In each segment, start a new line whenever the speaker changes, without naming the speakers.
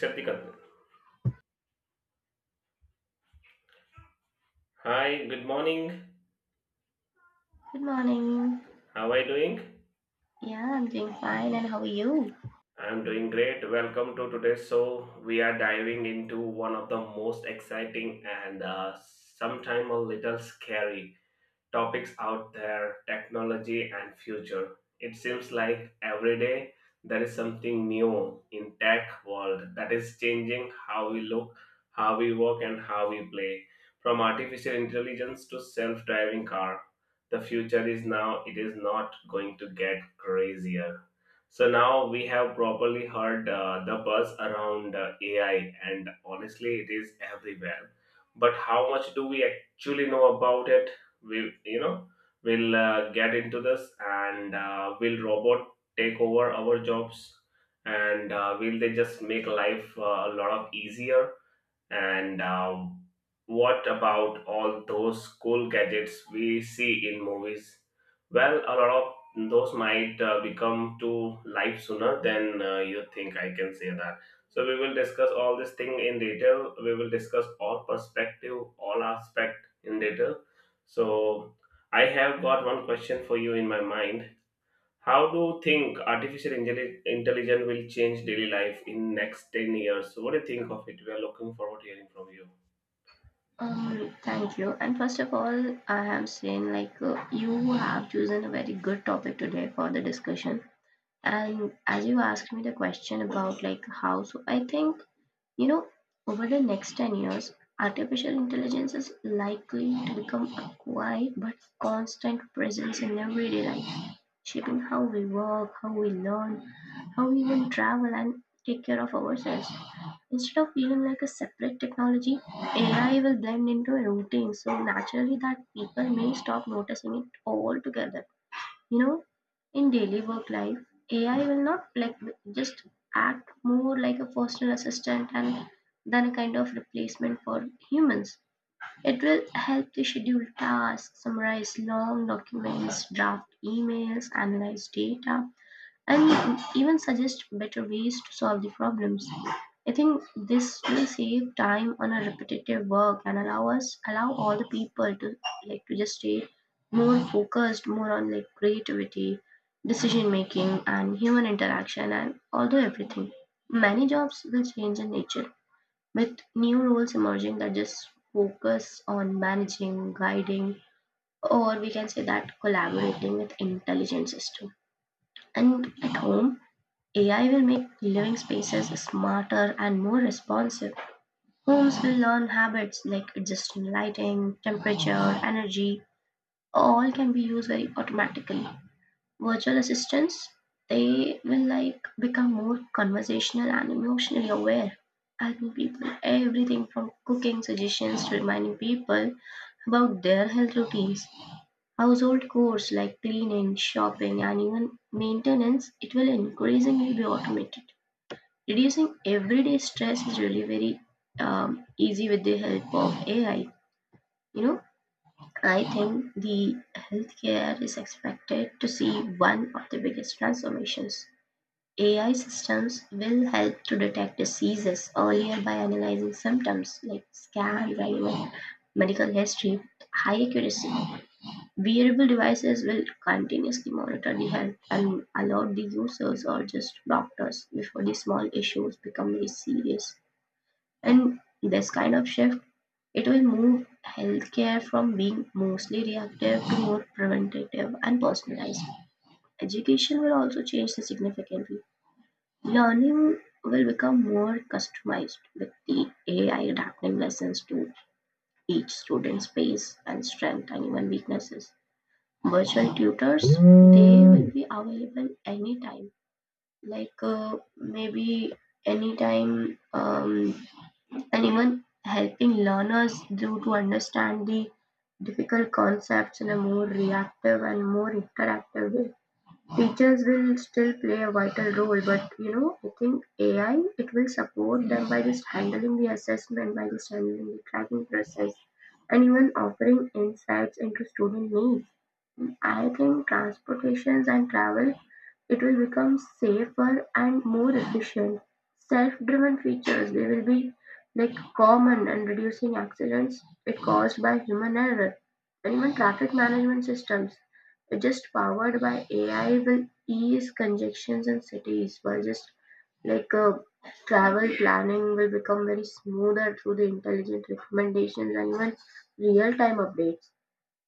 Shatikant. Hi, good morning.
Good morning.
How are you doing?
Yeah, I'm doing fine. And how are you?
I'm doing great. Welcome to today's show. We are diving into one of the most exciting and sometimes a little scary topics out there technology and future. It seems like every day there is something new in tech world that is changing how we look, how we work and how we play. From artificial intelligence to self-driving car, the future is now. It is not going to get crazier. So now we have properly heard the buzz around AI and honestly it is everywhere, but how much do we actually know about it? We will get into this. And will robot take over our jobs? And will they just make life a lot of easier? And what about all those cool gadgets we see in movies? Well, a lot of those might become to life sooner than you think. I can say that. So we will discuss all this thing in detail. We will discuss all perspective, all aspect in detail. So I have got one question for you in my mind. How do you think intelligence will change daily life in next 10 years? What do you think of it? We are looking forward to hearing from you.
Thank you. And first of all, I am saying like you have chosen a very good topic today for the discussion. And as you asked me the question about like how, so I think you know, over the next 10 years, artificial intelligence is likely to become a quiet but constant presence in everyday life, shaping how we work, how we learn, how we even travel and take care of ourselves. Instead of feeling like a separate technology, AI will blend into a routine, so naturally that people may stop noticing it altogether. You know, in daily work life, AI will not like just act more like a personal assistant and than a kind of replacement for humans. It will help to schedule tasks, summarize long documents, draft emails, analyze data, and even suggest better ways to solve the problems. I think this will save time on a repetitive work and allow all the people to like to just stay more focused, more on like creativity, decision making and human interaction and although everything. Many jobs will change in nature with new roles emerging that just focus on managing, guiding, or we can say that collaborating with intelligent system. And at home AI will make living spaces smarter and more responsive. Homes will learn habits like adjusting lighting, temperature, energy, all can be used very automatically. Virtual assistants, they will like become more conversational and emotionally aware, helping people everything from cooking suggestions to reminding people about their health routines. Household chores like cleaning, shopping, and even maintenance, it will increasingly be automated reducing everyday stress is really very easy with the help of AI. You know, I think the healthcare is expected to see one of the biggest transformations. AI systems will help to detect diseases earlier by analyzing symptoms like scans and even medical history with high accuracy. Wearable devices will continuously monitor the health and alert the users or just doctors before the small issues become very serious. And this kind of shift, it will move healthcare from being mostly reactive to more preventative and personalized. Education will also change this significantly. Learning will become more customized with the AI adapting lessons to each student's pace and strength and even weaknesses. Virtual tutors, they will be available anytime. Maybe anytime and even helping learners do to understand the difficult concepts in a more reactive and more interactive way. Teachers will still play a vital role, but you know, I think AI it will support them by just handling the assessment, by just handling the tracking process, and even offering insights into student needs. I think transportations and travel it will become safer and more efficient. Self-driven features, they will be like common and reducing accidents it caused by human error. And even traffic management systems, just powered by AI, will ease congestions in cities while just like uh, travel planning will become very smoother through the intelligent recommendations and even real-time updates.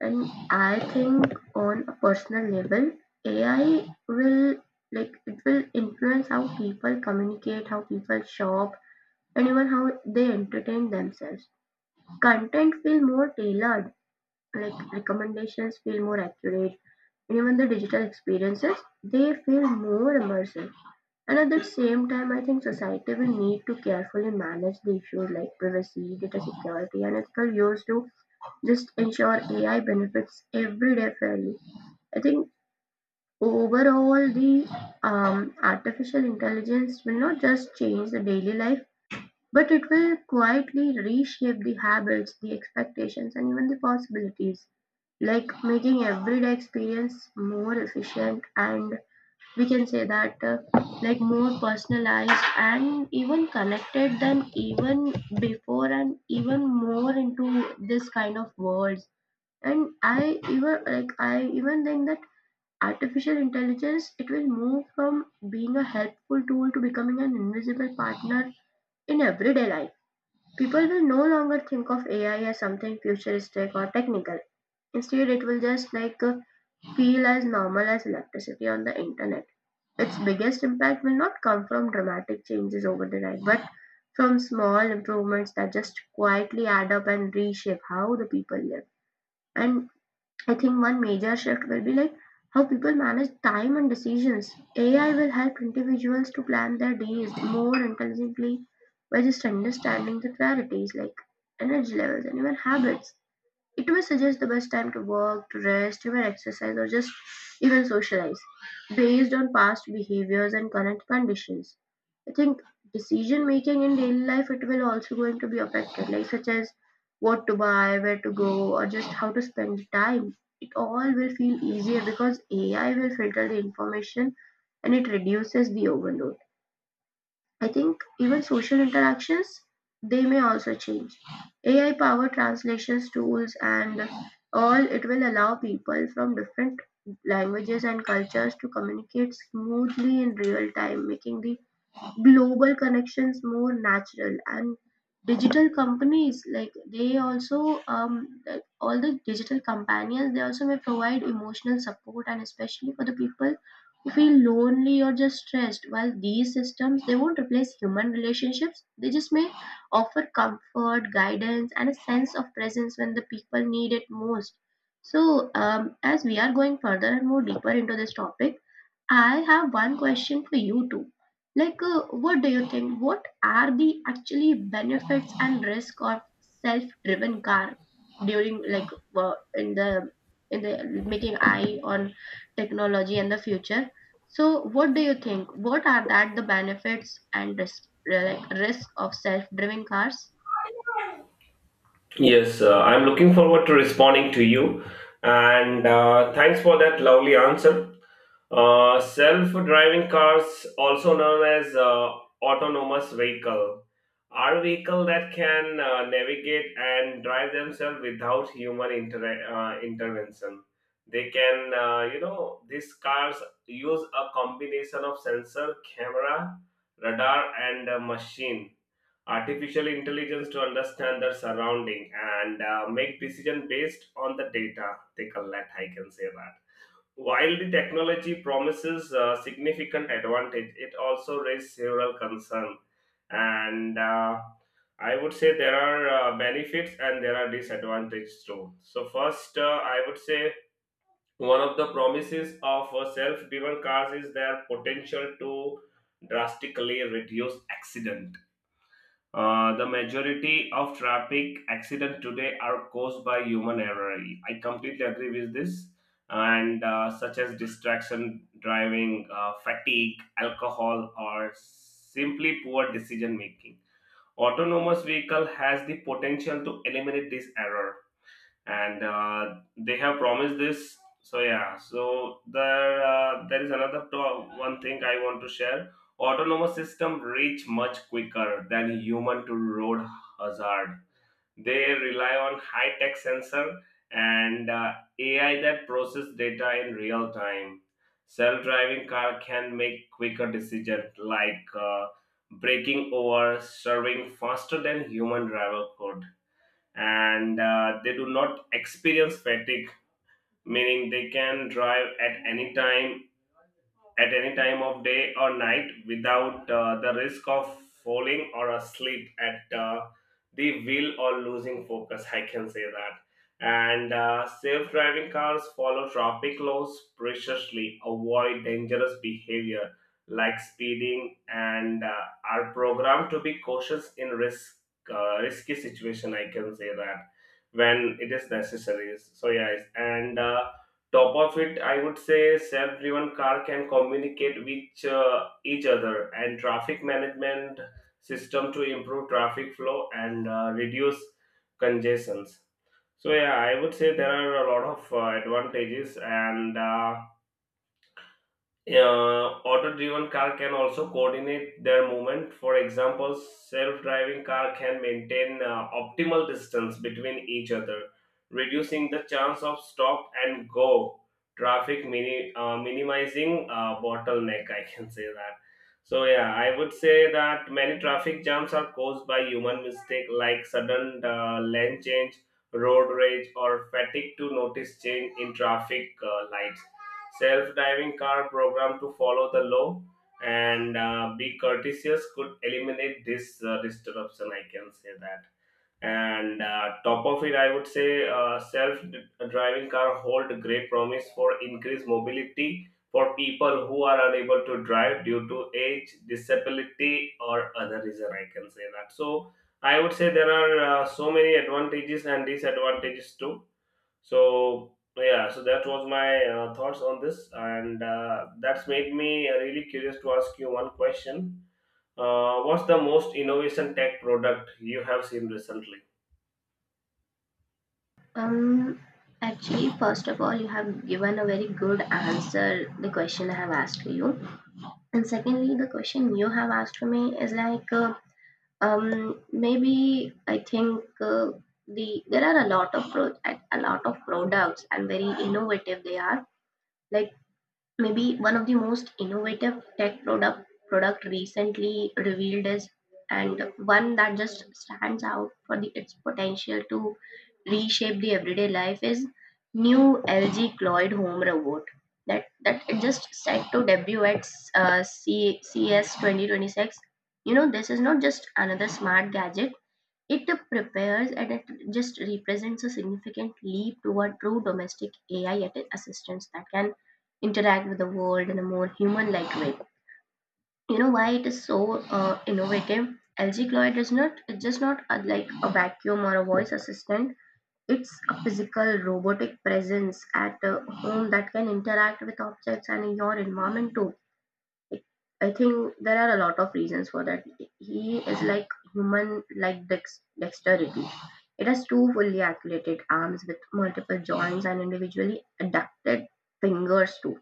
And I think on a personal level, AI will like it will influence how people communicate, how people shop, and even how they entertain themselves. Content feel more tailored, like recommendations feel more accurate, and even the digital experiences they feel more immersive. And at the same time, I think society will need to carefully manage the issues like privacy, data security, and ethical use to just ensure AI benefits every day fairly. I think overall the artificial intelligence will not just change the daily life, but it will quietly reshape the habits, the expectations, and even the possibilities, like making everyday experience more efficient and we can say that like more personalized and even connected than even before and even more into this kind of world and I even think that artificial intelligence it will move from being a helpful tool to becoming an invisible partner in everyday life. People will no longer think of AI as something futuristic or technical. Instead, it will just feel as normal as electricity on the internet. Its biggest impact will not come from dramatic changes over the night, but from small improvements that just quietly add up and reshape how the people live. And I think one major shift will be like how people manage time and decisions. AI will help individuals to plan their days more intelligently by just understanding the priorities like energy levels and even habits. It may suggest the best time to work, to rest, even exercise, or just even socialize, based on past behaviors and current conditions. I think decision making in daily life it will also going to be affected, like such as what to buy, where to go, or just how to spend the time. It all will feel easier because AI will filter the information and it reduces the overload. I think even social interactions they may also change. AI powered translations tools and all it will allow people from different languages and cultures to communicate smoothly in real time, making the global connections more natural and digital companies like they also all the digital companions they also may provide emotional support and especially for the people who feel lonely or just stressed while these systems they won't replace human relationships they just may offer comfort guidance and a sense of presence when the people need it most. So as we are going further and more deeper into this topic I have one question for you too. What do you think? What are the actually benefits and risk of self-driven car during in the making eye on technology and the future? So, what do you think? What are that the benefits and risk, like risk of self-driven cars?
Yes, I'm looking forward to responding to you. And thanks for that lovely answer. Self-driving cars, also known as autonomous vehicle, are vehicle that can navigate and drive themselves without human intervention. They can, these cars use a combination of sensor, camera, radar, and machine artificial intelligence to understand their surrounding and make decision based on the data they collect. I can say that while the technology promises significant advantage, it also raises several concerns. And I would say there are benefits and there are disadvantages too. So first, I would say one of the promises of self-driven cars is their potential to drastically reduce accidents. Uh, the majority of traffic accidents today are caused by human error. I completely agree with this. And such as distraction, driving, fatigue, alcohol, or simply poor decision making. Autonomous vehicle has the potential to eliminate this error, and they have promised this. So yeah, so there is another one thing I want to share. Autonomous system reach much quicker than human to road hazard. They rely on high tech sensor and AI that process data in real time. Self driving car can make quicker decisions like braking over serving faster than human driver could, and they do not experience fatigue, meaning they can drive at any time of day or night without the risk of falling or asleep at the wheel or losing focus. I can say that. And safe driving cars follow traffic laws preciously, avoid dangerous behavior like speeding, and are programmed to be cautious in risky situation. I can say that, when it is necessary. So yes, and top of it I would say self-driven car can communicate with each other and traffic management system to improve traffic flow and reduce congestions. So yeah, I would say there are a lot of advantages. And auto-driven car can also coordinate their movement. For example, self-driving car can maintain optimal distance between each other, reducing the chance of stop and go traffic, minimizing bottleneck. I can say that. So yeah, I would say that many traffic jams are caused by human mistake like sudden lane change, road rage, or fatigue to notice change in traffic lights. Self-driving car program to follow the law and be courteous could eliminate this disruption. I can say that. And top of it, I would say self-driving car hold great promise for increased mobility for people who are unable to drive due to age, disability, or other reason. I can say that. So I would say there are so many advantages and disadvantages too. So yeah, so that was my thoughts on this, and that's made me really curious to ask you one question. What's the most innovation tech product you have seen recently?
Um, Actually, first of all, you have given a very good answer the question I have asked for you, and secondly, the question you have asked for me is maybe I think there are a lot of a lot of products and very innovative they are. Like Maybe one of the most innovative tech product recently revealed is and one that just stands out for the, its potential to reshape the everyday life is new LG Cloyd home robot that it just set to debut at CS 2026. You know, this is not just another smart gadget. It prepares and it just represents a significant leap toward true domestic AI assistance that can interact with the world in a more human like way. You know why it is so innovative? LG Cloyd is not It's just not a, like a vacuum or a voice assistant. It's a physical robotic presence at a home that can interact with objects and your environment too. I think there are a lot of reasons for that. He is like human, like dexterity. It has two fully articulated arms with multiple joints and individually adapted fingers too.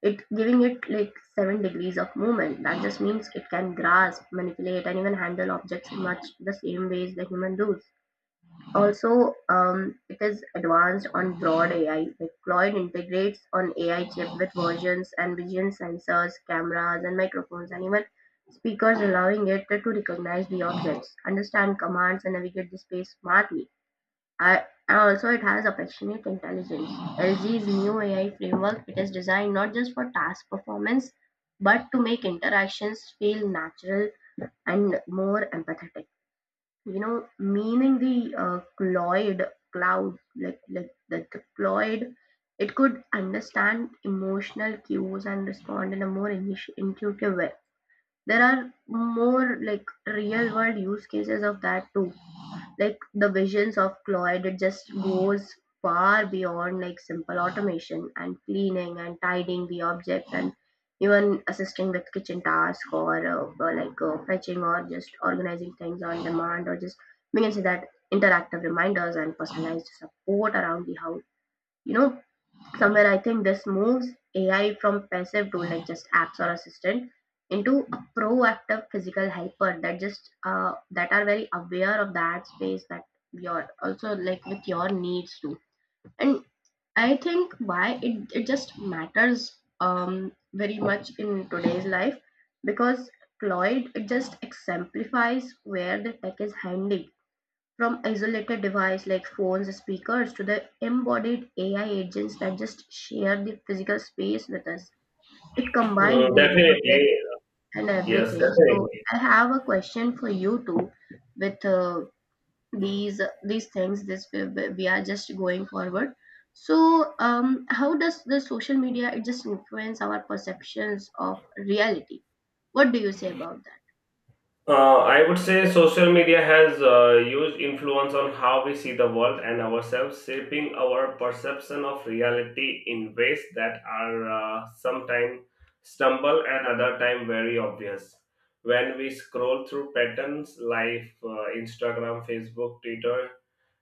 It giving it like 7 degrees of movement. That just means it can grasp, manipulate, and even handle objects much the same ways the human does. Also, it is advanced on broad AI. Deployed integrates on AI-chip with versions and vision sensors, cameras and microphones, and even speakers, allowing it to recognize the objects, understand commands, and navigate the space smartly. And also, it has affectionate intelligence. LG's new AI framework, it is designed not just for task performance, but to make interactions feel natural and more empathetic you know, meaning the cloud, cloud, like the cloud, it could understand emotional cues and respond in a more intuitive way. There are more like real world use cases of that too like the visions of Cloyd, it just goes far beyond like simple automation and cleaning and tidying the object and even assisting with kitchen tasks or like fetching or just organizing things on demand or just we can say that interactive reminders and personalized support around the house you know somewhere I think this moves ai from passive tool like just apps or assistant into a proactive physical helper that just that are very aware of that space that you're also like with your needs too. And I think why it just matters um very much in today's life because cloud it just exemplifies where the tech is handy from isolated devices like phones, speakers, to the embodied AI agents that just share the physical space with us. It combines
Mm,
the robotics
definitely,
and
yes,
everything. So
definitely.
I have a question for you too with these things this we are just going forward. So how does the social media it just influence our perceptions of reality? What do you say about that?
Uh, I would say social media has a huge influence on how we see the world and ourselves, shaping our perception of reality in ways that are sometimes stumble and other time very obvious. When we scroll through patterns like Instagram, Facebook, Twitter,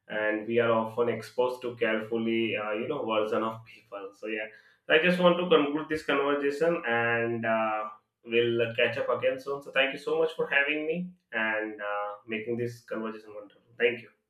and we are often exposed to carefully version of people. So yeah, so I just want to conclude this conversation, and we'll catch up again soon. So thank you so much for having me and making this conversation wonderful. Thank you.